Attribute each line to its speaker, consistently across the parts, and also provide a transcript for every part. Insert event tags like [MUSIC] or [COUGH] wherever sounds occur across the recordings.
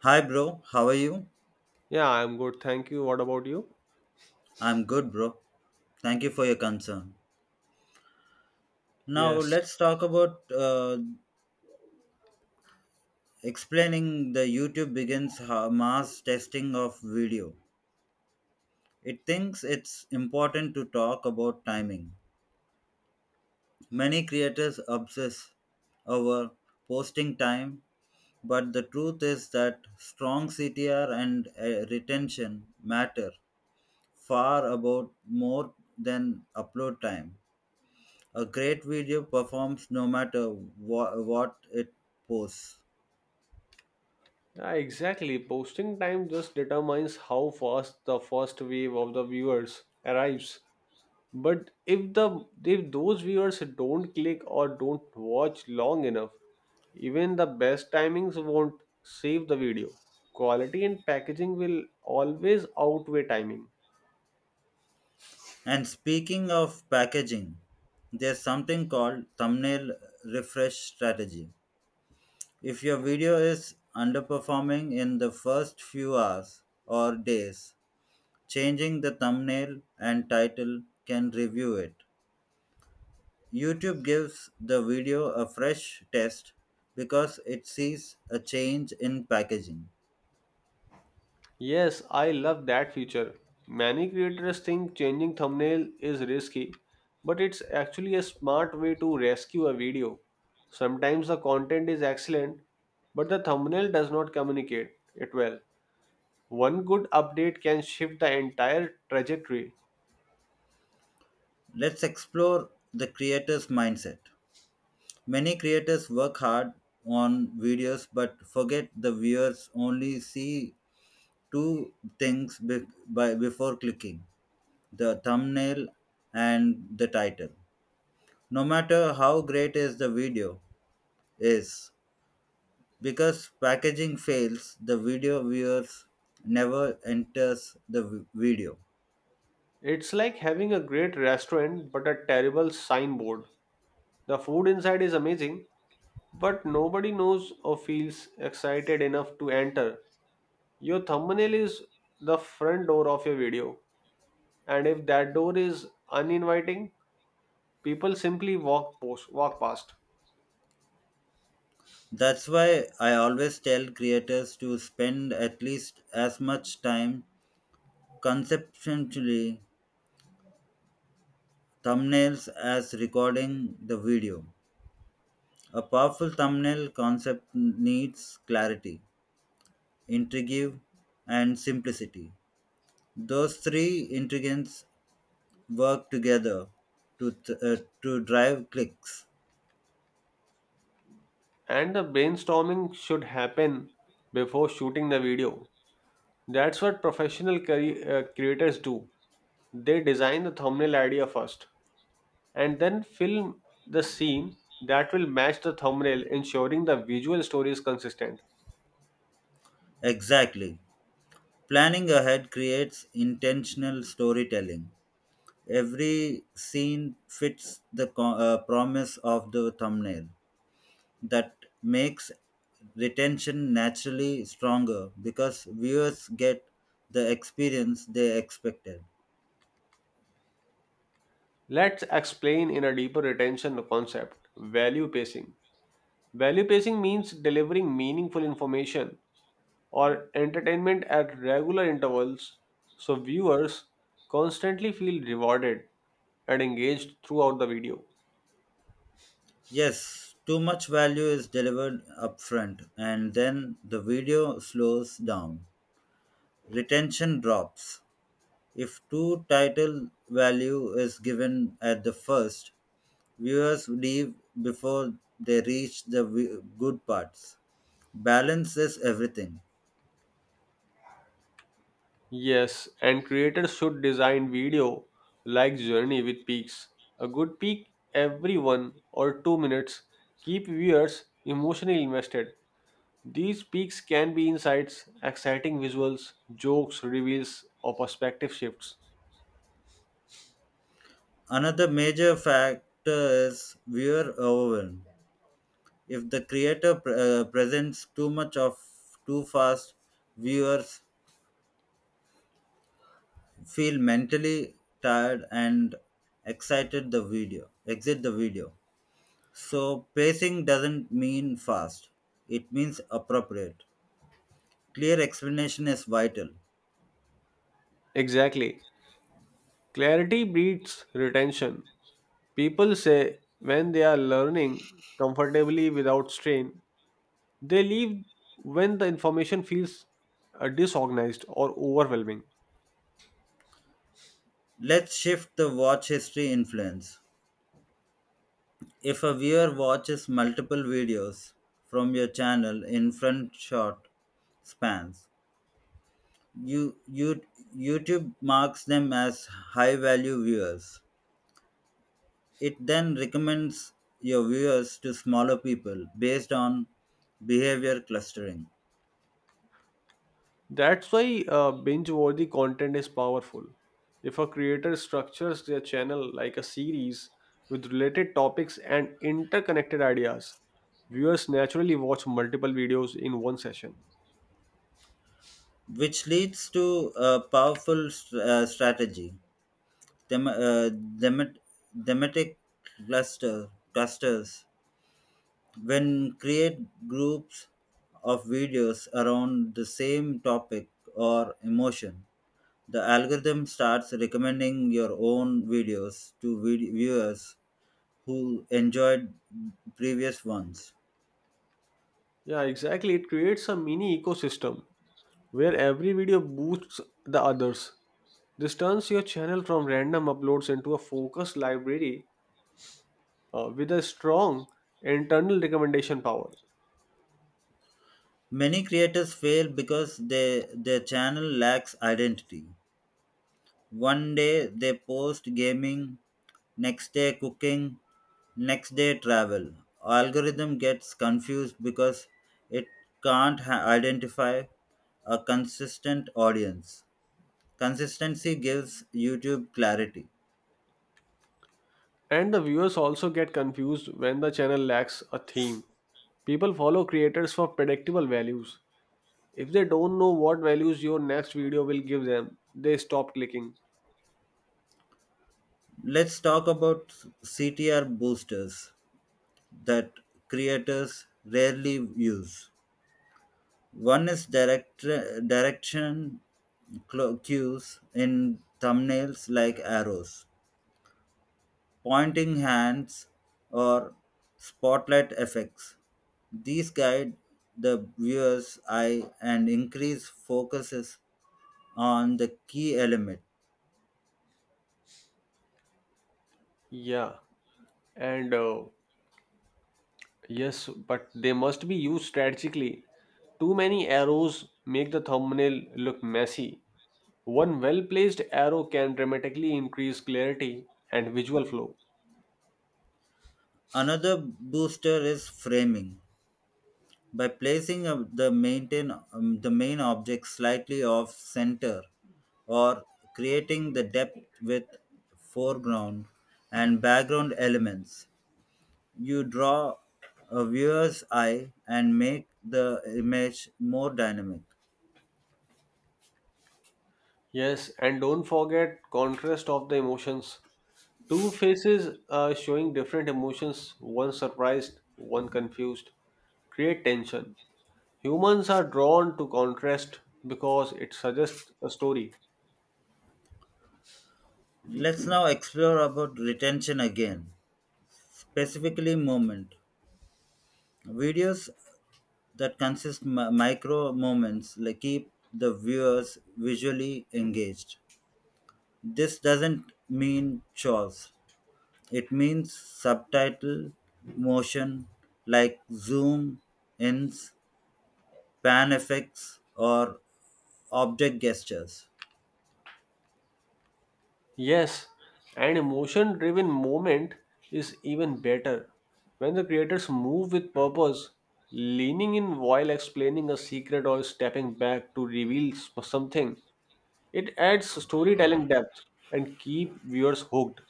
Speaker 1: Hi, bro. How are you?
Speaker 2: Yeah, I'm good. Thank you. What about you?
Speaker 1: I'm good, bro. Thank you for your concern. Now,
Speaker 2: Yes,
Speaker 1: let's talk about explaining the YouTube begins mass testing of video. It thinks it's important to talk about timing. Many creators obsess over posting time, but the truth is that strong CTR and retention matter far about more than upload time. A great video performs no matter what it posts.
Speaker 2: yeah, exactly. Posting time just determines how fast the first wave of the viewers arrives. But if those viewers don't click or don't watch long enough, even the best timings won't save the video. Quality and packaging will always outweigh timing.
Speaker 1: And speaking of packaging, there's something called thumbnail refresh strategy. If your video is underperforming in the first few hours or days, changing the thumbnail and title can review it. YouTube gives the video a fresh test because it sees a change in packaging.
Speaker 2: Yes, I love that feature. Many creators think changing thumbnail is risky, but it's actually a smart way to rescue a video. Sometimes the content is excellent, but the thumbnail does not communicate it well. One good update can shift the entire trajectory.
Speaker 1: Let's explore the creator's mindset. Many creators work hard on videos but forget the viewers only see two things before clicking the thumbnail and the title. No matter how great is the video is because packaging fails the video viewers never enters the video.
Speaker 2: It's like having a great restaurant but a terrible signboard. The food inside is amazing, but nobody knows or feels excited enough to enter. Your thumbnail is the front door of your video, and if that door is uninviting, people simply walk past.
Speaker 1: That's why I always tell creators to spend at least as much time conceptually thumbnails as recording the video. A powerful thumbnail concept needs clarity, intrigue, and simplicity. Those three ingredients work together to drive clicks.
Speaker 2: And the brainstorming should happen before shooting the video. That's what professional creators do. They design the thumbnail idea first and then film the scene that will match the thumbnail, ensuring the visual story is consistent.
Speaker 1: Exactly. Planning ahead creates intentional storytelling. Every scene fits the promise of the thumbnail. That makes retention naturally stronger because viewers get the experience they expected.
Speaker 2: Let's explain in a deeper retention the concept value pacing. Value pacing means delivering meaningful information or entertainment at regular intervals so viewers constantly feel rewarded and engaged throughout the video.
Speaker 1: Yes, too much value is delivered upfront and then the video slows down. Retention drops. If too title value is given at the first, viewers leave before they reach the good parts. Balance is everything.
Speaker 2: Yes, and creators should design video like Journey with peaks. A good peak every 1 or 2 minutes keep viewers emotionally invested. These peaks can be insights, exciting visuals, jokes, reveals, or perspective shifts.
Speaker 1: Another major factor is viewer overwhelm. If the creator presents too much of too fast, viewers feel mentally tired and excited the video exit the video. So pacing doesn't mean fast. It means appropriate. Clear explanation is vital.
Speaker 2: Exactly. Clarity breeds retention. People say when they are learning comfortably without strain, they leave when the information feels disorganized or overwhelming.
Speaker 1: Let's shift the watch history influence. If a viewer watches multiple videos from your channel in front short spans, you, you, YouTube marks them as high value viewers. It then recommends your viewers to smaller people based on behavior clustering,
Speaker 2: That's why binge worthy content is powerful. If a creator structures their channel like a series with related topics and interconnected ideas, viewers naturally watch multiple videos in one session.
Speaker 1: which leads to a powerful strategy. Them, uh, themet- thematic clusters when create groups of videos around the same topic or emotion the algorithm starts recommending your own videos to viewers who enjoyed previous ones.
Speaker 2: Yeah, exactly. It creates a mini ecosystem where every video boosts the others. This turns your channel from random uploads into a focused library with a strong internal recommendation power.
Speaker 1: Many creators fail because their channel lacks identity. One day they post gaming, next day cooking, next day travel. Algorithm gets confused because it can't identify a consistent audience. Consistency gives YouTube clarity.
Speaker 2: And the viewers also get confused when the channel lacks a theme. People follow creators for predictable values. If they don't know what values your next video will give them, they stop clicking.
Speaker 1: Let's talk about CTR boosters that creators rarely use. One is direction cues in thumbnails like arrows, pointing hands, or spotlight effects. These guide the viewer's eye and increase focuses on the key element.
Speaker 2: Yeah, and yes, but they must be used strategically. Too many arrows make the thumbnail look messy. One well placed arrow can dramatically increase clarity and visual flow.
Speaker 1: Another booster is framing. By placing the main object slightly off center or creating the depth with foreground and background elements, you draw a viewer's eye and make the image more dynamic.
Speaker 2: Yes, and don't forget contrast of the emotions. Two faces showing different emotions, one surprised, one confused, create tension. Humans are drawn to contrast because it suggests a story.
Speaker 1: Let's now explore about retention again, specifically moment. Videos that consist micro moments like keep the viewers visually engaged. This doesn't mean chores. It means subtitle motion like zoom, ins, pan effects or object gestures.
Speaker 2: Yes, an emotion driven moment is even better when the creators move with purpose, leaning in while explaining a secret or stepping back to reveal something. It adds storytelling depth and keep viewers hooked.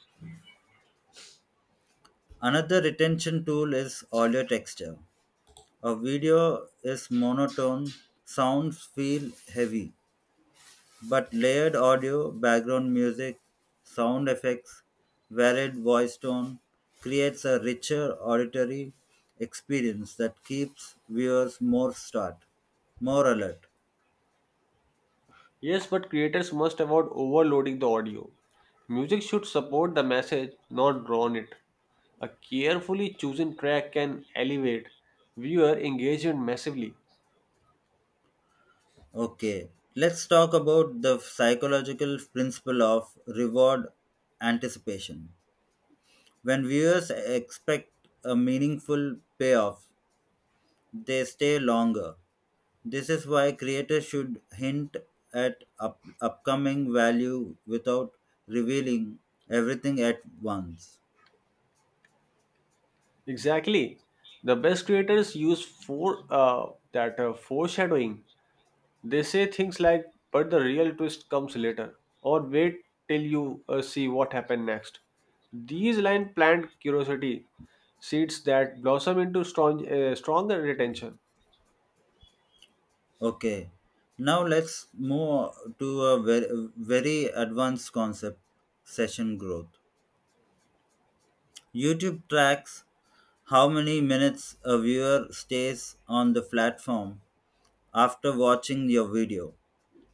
Speaker 1: Another retention tool is audio texture. A video is monotone, sounds feel heavy, but layered audio, background music, sound effects, varied voice tone creates a richer auditory experience that keeps viewers more alert.
Speaker 2: Yes, but creators must avoid overloading the audio. Music should support the message, not drown it. A carefully chosen track can elevate viewer engagement massively.
Speaker 1: Okay, let's talk about the psychological principle of reward anticipation. When viewers expect a meaningful payoff, they stay longer. This is why creators should hint at upcoming value without revealing everything at once.
Speaker 2: Exactly. The best creators use foreshadowing. They say things like, "But the real twist comes later," or "Wait till you see what happened next." These line plant curiosity seeds that blossom into stronger retention.
Speaker 1: Okay, now let's move to a very advanced concept session growth. YouTube tracks how many minutes a viewer stays on the platform after watching your video.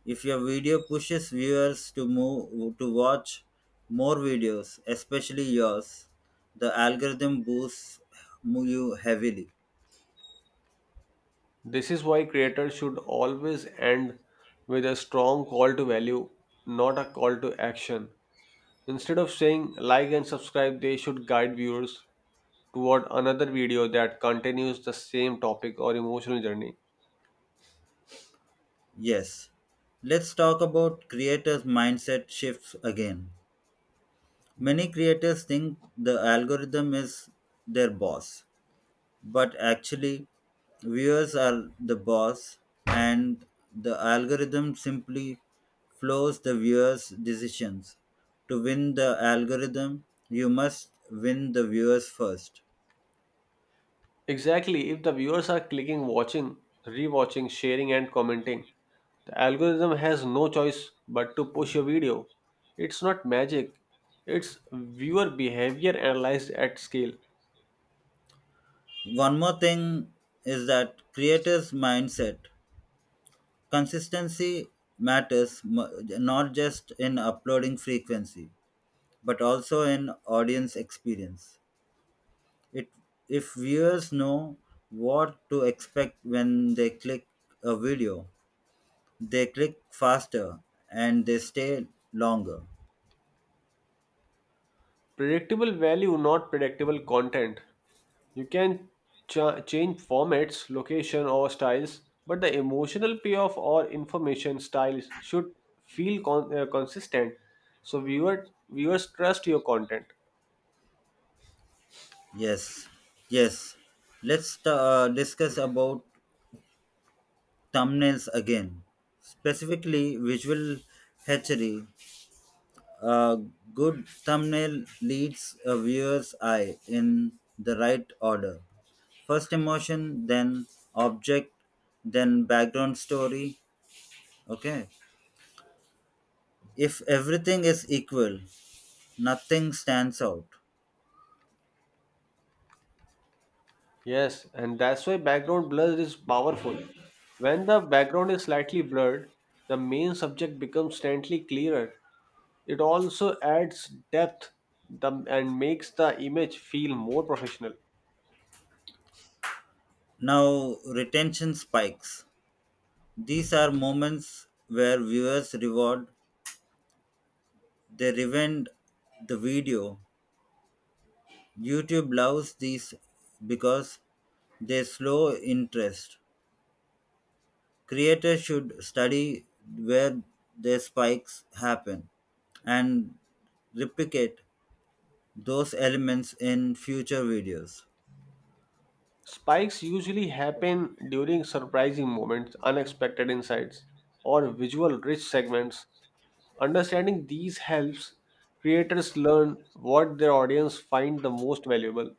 Speaker 1: If your video pushes viewers to move to watch more videos, especially yours, the algorithm boosts you heavily.
Speaker 2: This is why creators should always end with a strong call to value, not a call to action. Instead of saying like and subscribe, they should guide viewers toward another video that continues the same topic or emotional journey.
Speaker 1: Yes. Let's talk about creators' mindset shifts again. Many creators think the algorithm is their boss, but actually viewers are the boss and the algorithm simply flows the viewers decisions. To win the algorithm you must win the viewers first.
Speaker 2: Exactly, if the viewers are clicking, watching, rewatching, sharing, and commenting, the algorithm has no choice but to push your video. It's not magic, it's viewer behavior analyzed at scale.
Speaker 1: One more thing is that creators mindset consistency matters not just in uploading frequency but also in audience experience. It if viewers know what to expect when they click a video, they click faster and they stay longer.
Speaker 2: Predictable value, not predictable content. You can change formats, location, or styles, but the emotional payoff or information styles should feel consistent so viewers trust your content.
Speaker 1: Yes, yes. Let's discuss about thumbnails again. Specifically, visual hatchery. A good thumbnail leads a viewer's eye in the right order. First emotion, then object, then background story. Okay, if everything is equal, nothing stands out.
Speaker 2: Yes, and that's why background blur is powerful. When the background is slightly blurred, the main subject becomes slightly clearer. It also adds depth and makes the image feel more professional.
Speaker 1: Now, retention spikes. These are moments where viewers reward, they revenge the video. YouTube loves these because they slow interest. Creators should study where their spikes happen and replicate those elements in future videos.
Speaker 2: Spikes usually happen during surprising moments, unexpected insights, or visual rich segments. Understanding these helps creators learn what their audience find the most valuable.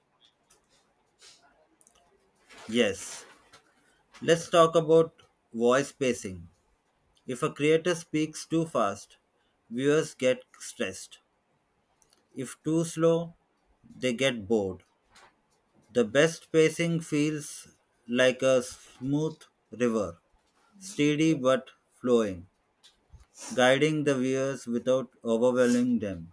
Speaker 1: Yes, let's talk about voice spacing. If a creator speaks too fast, viewers get stressed. If too slow, they get bored. The best pacing feels like a smooth river, steady but flowing, guiding the viewers without overwhelming them.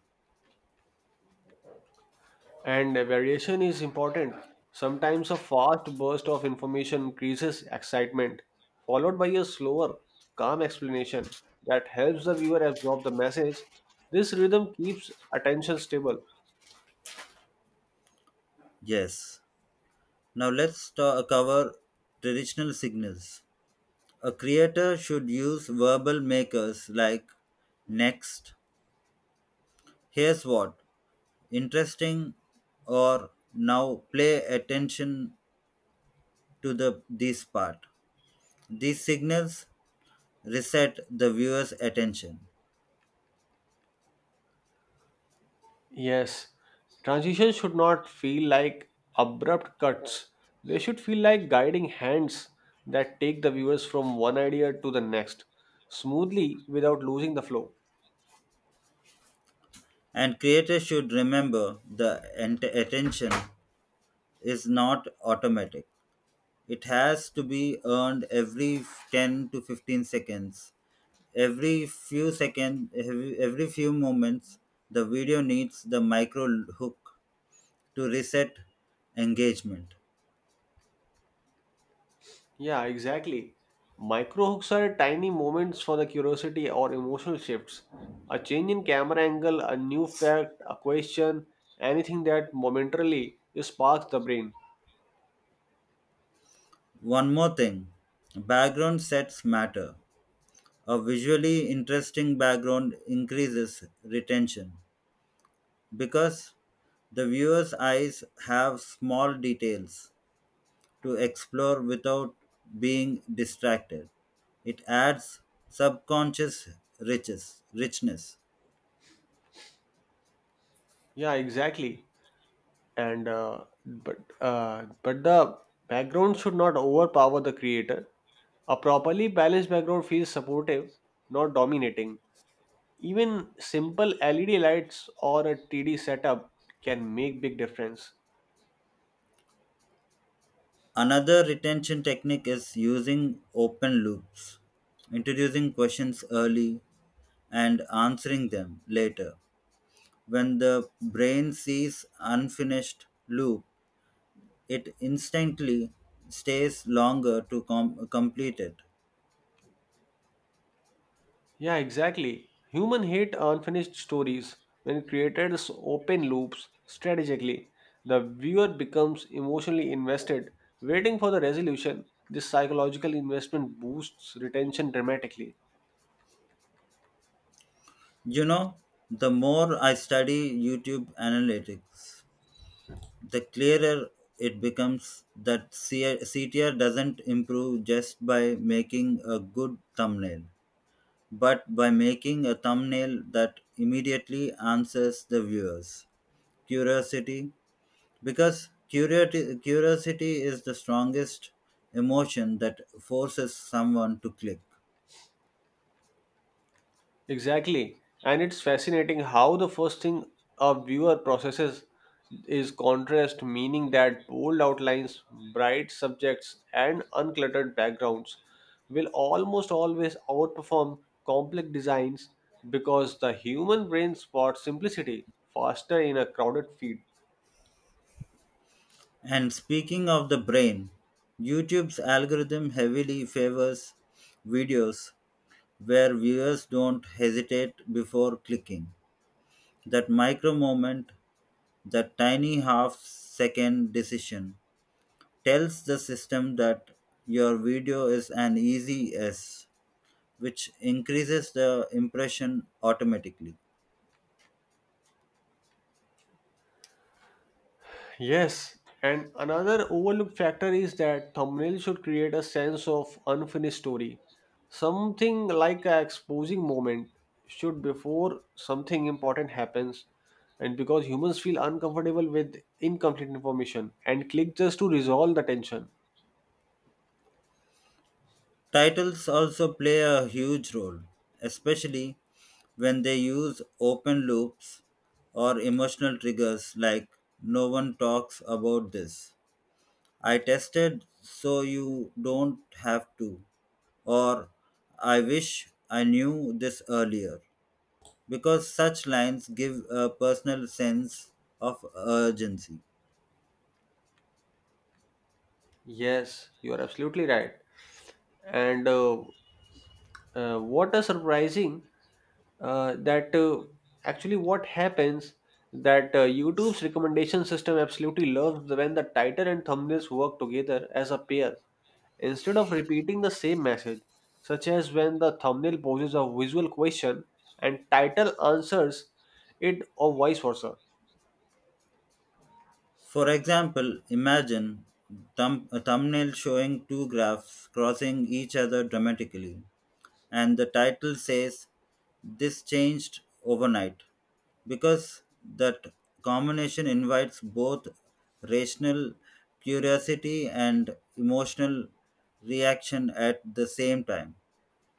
Speaker 2: And variation is important. Sometimes a fast burst of information increases excitement, followed by a slower, calm explanation that helps the viewer absorb the message. This rhythm keeps attention stable.
Speaker 1: Yes. Now let's cover traditional signals. A creator should use verbal makers like next, here's what, interesting or now play attention to the this part. These signals reset the viewer's attention.
Speaker 2: Yes, transitions should not feel like abrupt cuts. They should feel like guiding hands that take the viewers from one idea to the next, smoothly without losing the flow.
Speaker 1: And creators should remember the attention is not automatic, it has to be earned every 10 to 15 seconds, every few seconds, every few moments the video needs the micro hook to reset engagement.
Speaker 2: Yeah, exactly. Micro hooks are tiny moments for the curiosity or emotional shifts. A change in camera angle, a new fact, a question, anything that momentarily sparks the brain.
Speaker 1: One more thing, background sets matter. A visually interesting background increases retention because the viewer's eyes have small details to explore without being distracted. It adds subconscious richness.
Speaker 2: Yeah, exactly. and but the background should not overpower the creator. A properly balanced background feels supportive, not dominating. Even simple LED lights or a 3D setup can make big difference.
Speaker 1: Another retention technique is using open loops, introducing questions early and answering them later. When the brain sees unfinished loop, it instantly stays longer to complete it.
Speaker 2: Yeah, exactly. Human hate unfinished stories. When creators open loops strategically, the viewer becomes emotionally invested, waiting for the resolution. This psychological investment boosts retention dramatically.
Speaker 1: You know, the more I study YouTube analytics, the clearer it becomes that CTR doesn't improve just by making a good thumbnail, but by making a thumbnail that immediately answers the viewers curiosity, because curiosity is the strongest emotion that forces someone to click.
Speaker 2: Exactly. And it's fascinating how the first thing a viewer processes is contrast, meaning that bold outlines, bright subjects, and uncluttered backgrounds will almost always outperform complex designs because the human brain spots simplicity faster in a crowded feed.
Speaker 1: And speaking of the brain, YouTube's algorithm heavily favors videos where viewers don't hesitate before clicking. That micro moment, that tiny half second decision, tells the system that your video is an easy yes, which increases the impression automatically.
Speaker 2: Yes, and another overlooked factor is that thumbnail should create a sense of unfinished story. Something like a exposing moment should before something important happens, and because humans feel uncomfortable with incomplete information and click just to resolve the tension.
Speaker 1: Titles also play a huge role, especially when they use open loops or emotional triggers like no one talks about this. I tested so you don't have to, or I wish I knew this earlier, because such lines give a personal sense of urgency.
Speaker 2: Yes, you are absolutely right. And What is surprising that actually what happens that YouTube's recommendation system absolutely loves when the title and thumbnails work together as a pair instead of repeating the same message, such as when the thumbnail poses a visual question and title answers it or vice versa.
Speaker 1: For example, imagine a thumbnail showing two graphs crossing each other dramatically, and the title says, this changed overnight, because that combination invites both rational curiosity and emotional reaction at the same time.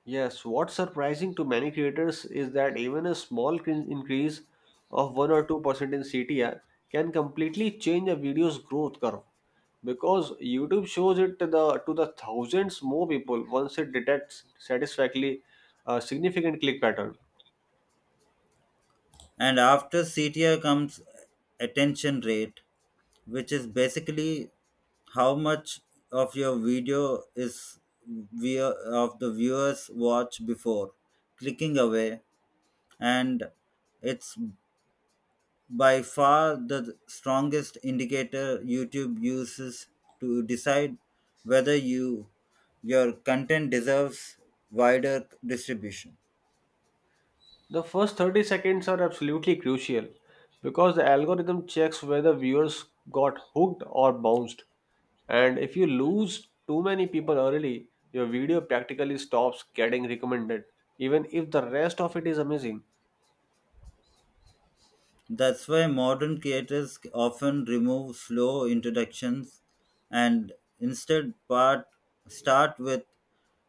Speaker 2: Yes, what's surprising to many creators is that even a small increase of 1 or 2% in CTR can completely change a video's growth curve because YouTube shows it to to the thousands more people once it detects satisfactorily a significant click pattern.
Speaker 1: And after CTR comes attention rate, which is basically how much of your video is view- of the viewers watch before clicking away, and it's by far the strongest indicator YouTube uses to decide whether your content deserves wider distribution.
Speaker 2: The first 30 seconds are absolutely crucial because the algorithm checks whether viewers got hooked or bounced. And if you lose too many people early, your video practically stops getting recommended, even if the rest of it is amazing.
Speaker 1: That's why modern creators often remove slow introductions and instead part start with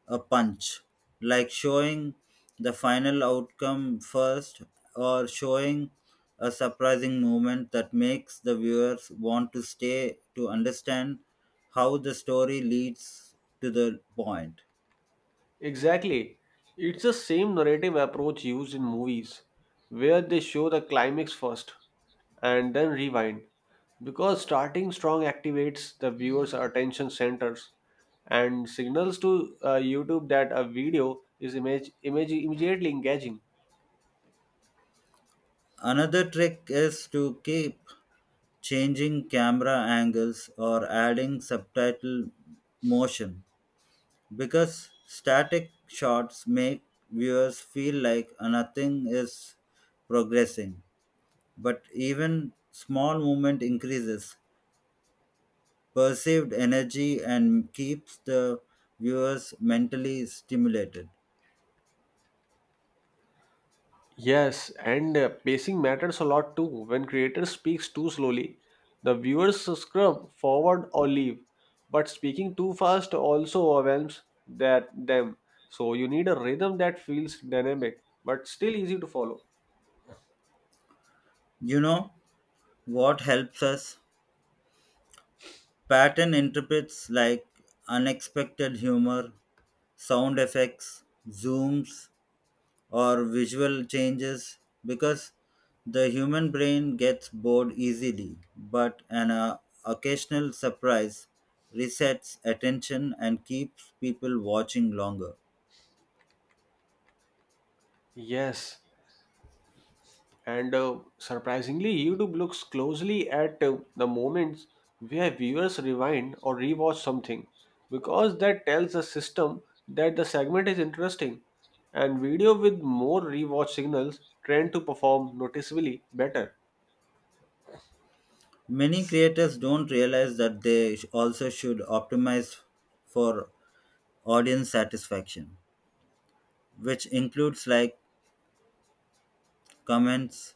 Speaker 1: a punch, like showing the final outcome first or showing a surprising moment that makes the viewers want to stay to understand how the story leads to the point.
Speaker 2: Exactly. It's the same narrative approach used in movies, where they show the climax first and then rewind. Because starting strong activates the viewer's attention centers and signals to YouTube that a video is immediately engaging.
Speaker 1: Another trick is to keep changing camera angles or adding subtitle motion, because static shots make viewers feel like nothing is progressing, but even small movement increases perceived energy and keeps the viewers mentally stimulated.
Speaker 2: Yes, and pacing matters a lot too. When creator speaks too slowly, the viewers scrub forward or leave. But speaking too fast also overwhelms that them. So you need a rhythm that feels dynamic but still easy to follow.
Speaker 1: You know what helps us pattern interprets like unexpected humor, sound effects, zooms or visual changes, because the human brain gets bored easily, but an occasional surprise resets attention and keeps people watching longer.
Speaker 2: Yes, and surprisingly, YouTube looks closely at the moments where viewers rewind or rewatch something because that tells the system that the segment is interesting. And video with more rewatch signals tend to perform noticeably better.
Speaker 1: Many creators don't realize that they also should optimize for audience satisfaction, which includes like comments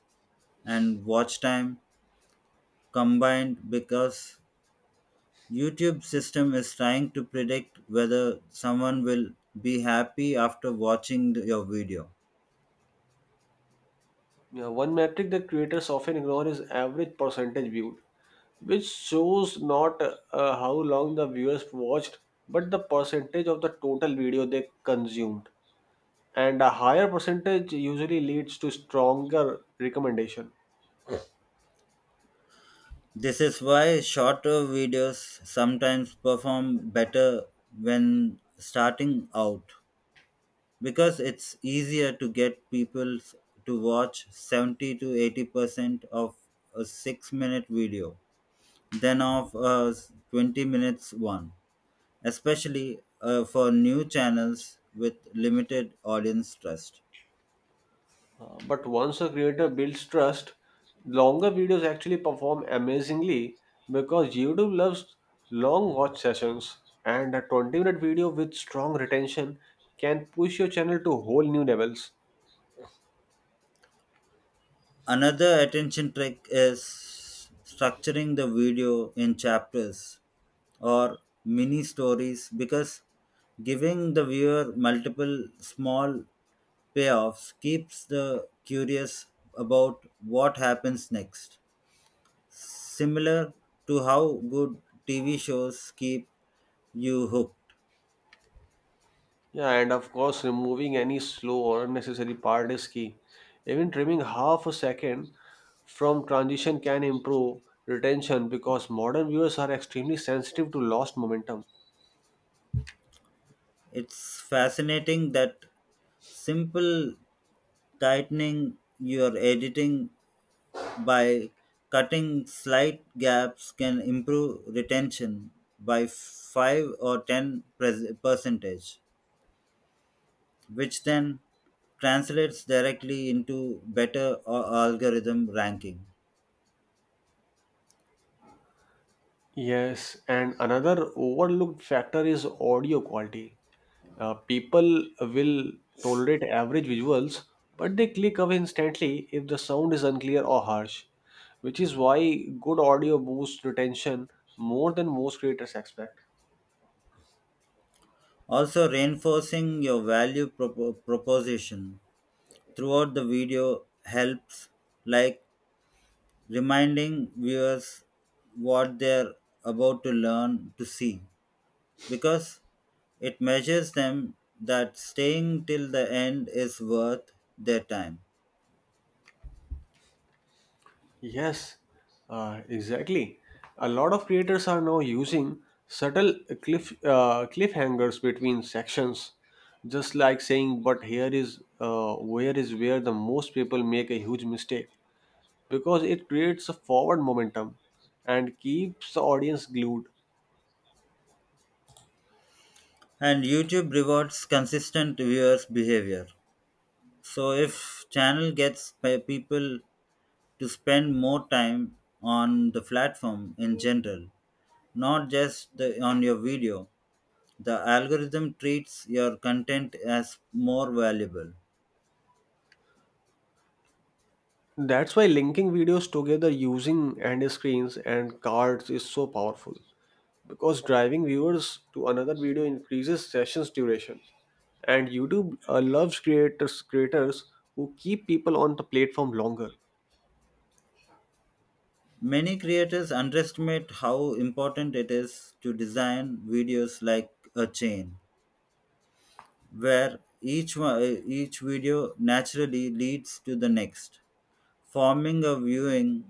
Speaker 1: and watch time combined, because YouTube system is trying to predict whether someone will be happy after watching your video.
Speaker 2: Yeah, one metric that creators often ignore is average percentage viewed, which shows not how long the viewers watched but the percentage of the total video they consumed, and a higher percentage usually leads to stronger recommendation.
Speaker 1: This is why shorter videos sometimes perform better when starting out because it's easier to get people to watch 70 to 80% of a 6-minute video than of a 20 minutes one, especially for new channels with limited audience trust.
Speaker 2: But once a creator builds trust, longer videos actually perform amazingly because YouTube loves long watch sessions, and a 20-minute video with strong retention can push your channel to whole new levels.
Speaker 1: Another attention trick is structuring the video in chapters or mini stories because giving the viewer multiple small payoffs keeps the curious about what happens next. Similar to how good TV shows keep you hooked.
Speaker 2: Yeah, and of course, removing any slow or unnecessary part is key. Even trimming half a second from transition can improve retention because modern viewers are extremely sensitive to lost momentum.
Speaker 1: It's fascinating that simple tightening your editing by cutting slight gaps can improve retention by 5 or 10 percentage, which then translates directly into better algorithm ranking.
Speaker 2: Yes, and another overlooked factor is audio quality. People will tolerate average visuals, but they click away instantly if the sound is unclear or harsh, which is why good audio boosts retention more than most creators expect.
Speaker 1: Also reinforcing your value proposition throughout the video helps, like reminding viewers what they're about to learn to see, because it measures them that staying till the end is worth their time.
Speaker 2: Yes, exactly. A lot of creators are now using subtle cliffhangers between sections, just like saying, "But here is where the most people make a huge mistake," because it creates a forward momentum and keeps the audience glued.
Speaker 1: And YouTube rewards consistent viewers' behavior. So if channel gets people to spend more time on the platform in general, not just on your video, the algorithm treats your content as more valuable.
Speaker 2: That's why linking videos together using end screens and cards is so powerful, because driving viewers to another video increases sessions duration and youtube loves creators who keep people on the platform longer.
Speaker 1: Many creators underestimate how important it is to design videos like a chain, where each video naturally leads to the next, forming a viewing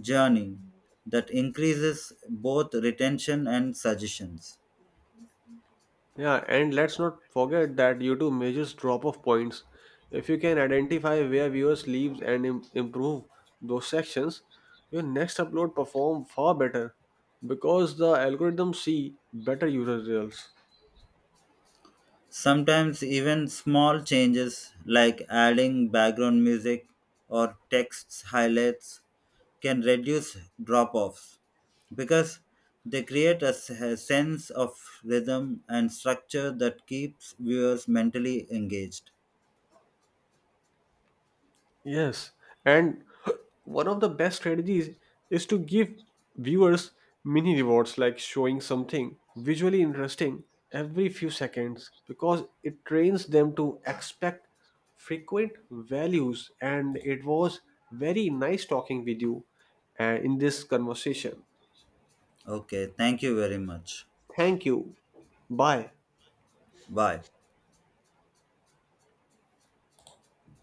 Speaker 1: journey that increases both retention and suggestions.
Speaker 2: Yeah, and let's not forget that youtube measures drop off points. If you can identify where viewers leave and improve those sections, your next upload perform far better because the algorithms see better user results.
Speaker 1: Sometimes even small changes like adding background music or text highlights can reduce drop offs because they create a sense of rhythm and structure that keeps viewers mentally engaged.
Speaker 2: Yes, and [CLEARS THROAT] one of the best strategies is to give viewers mini rewards like showing something visually interesting every few seconds because it trains them to expect frequent values. And it was very nice talking with you in this conversation.
Speaker 1: Okay, thank you very much.
Speaker 2: Thank you. Bye.
Speaker 1: Bye.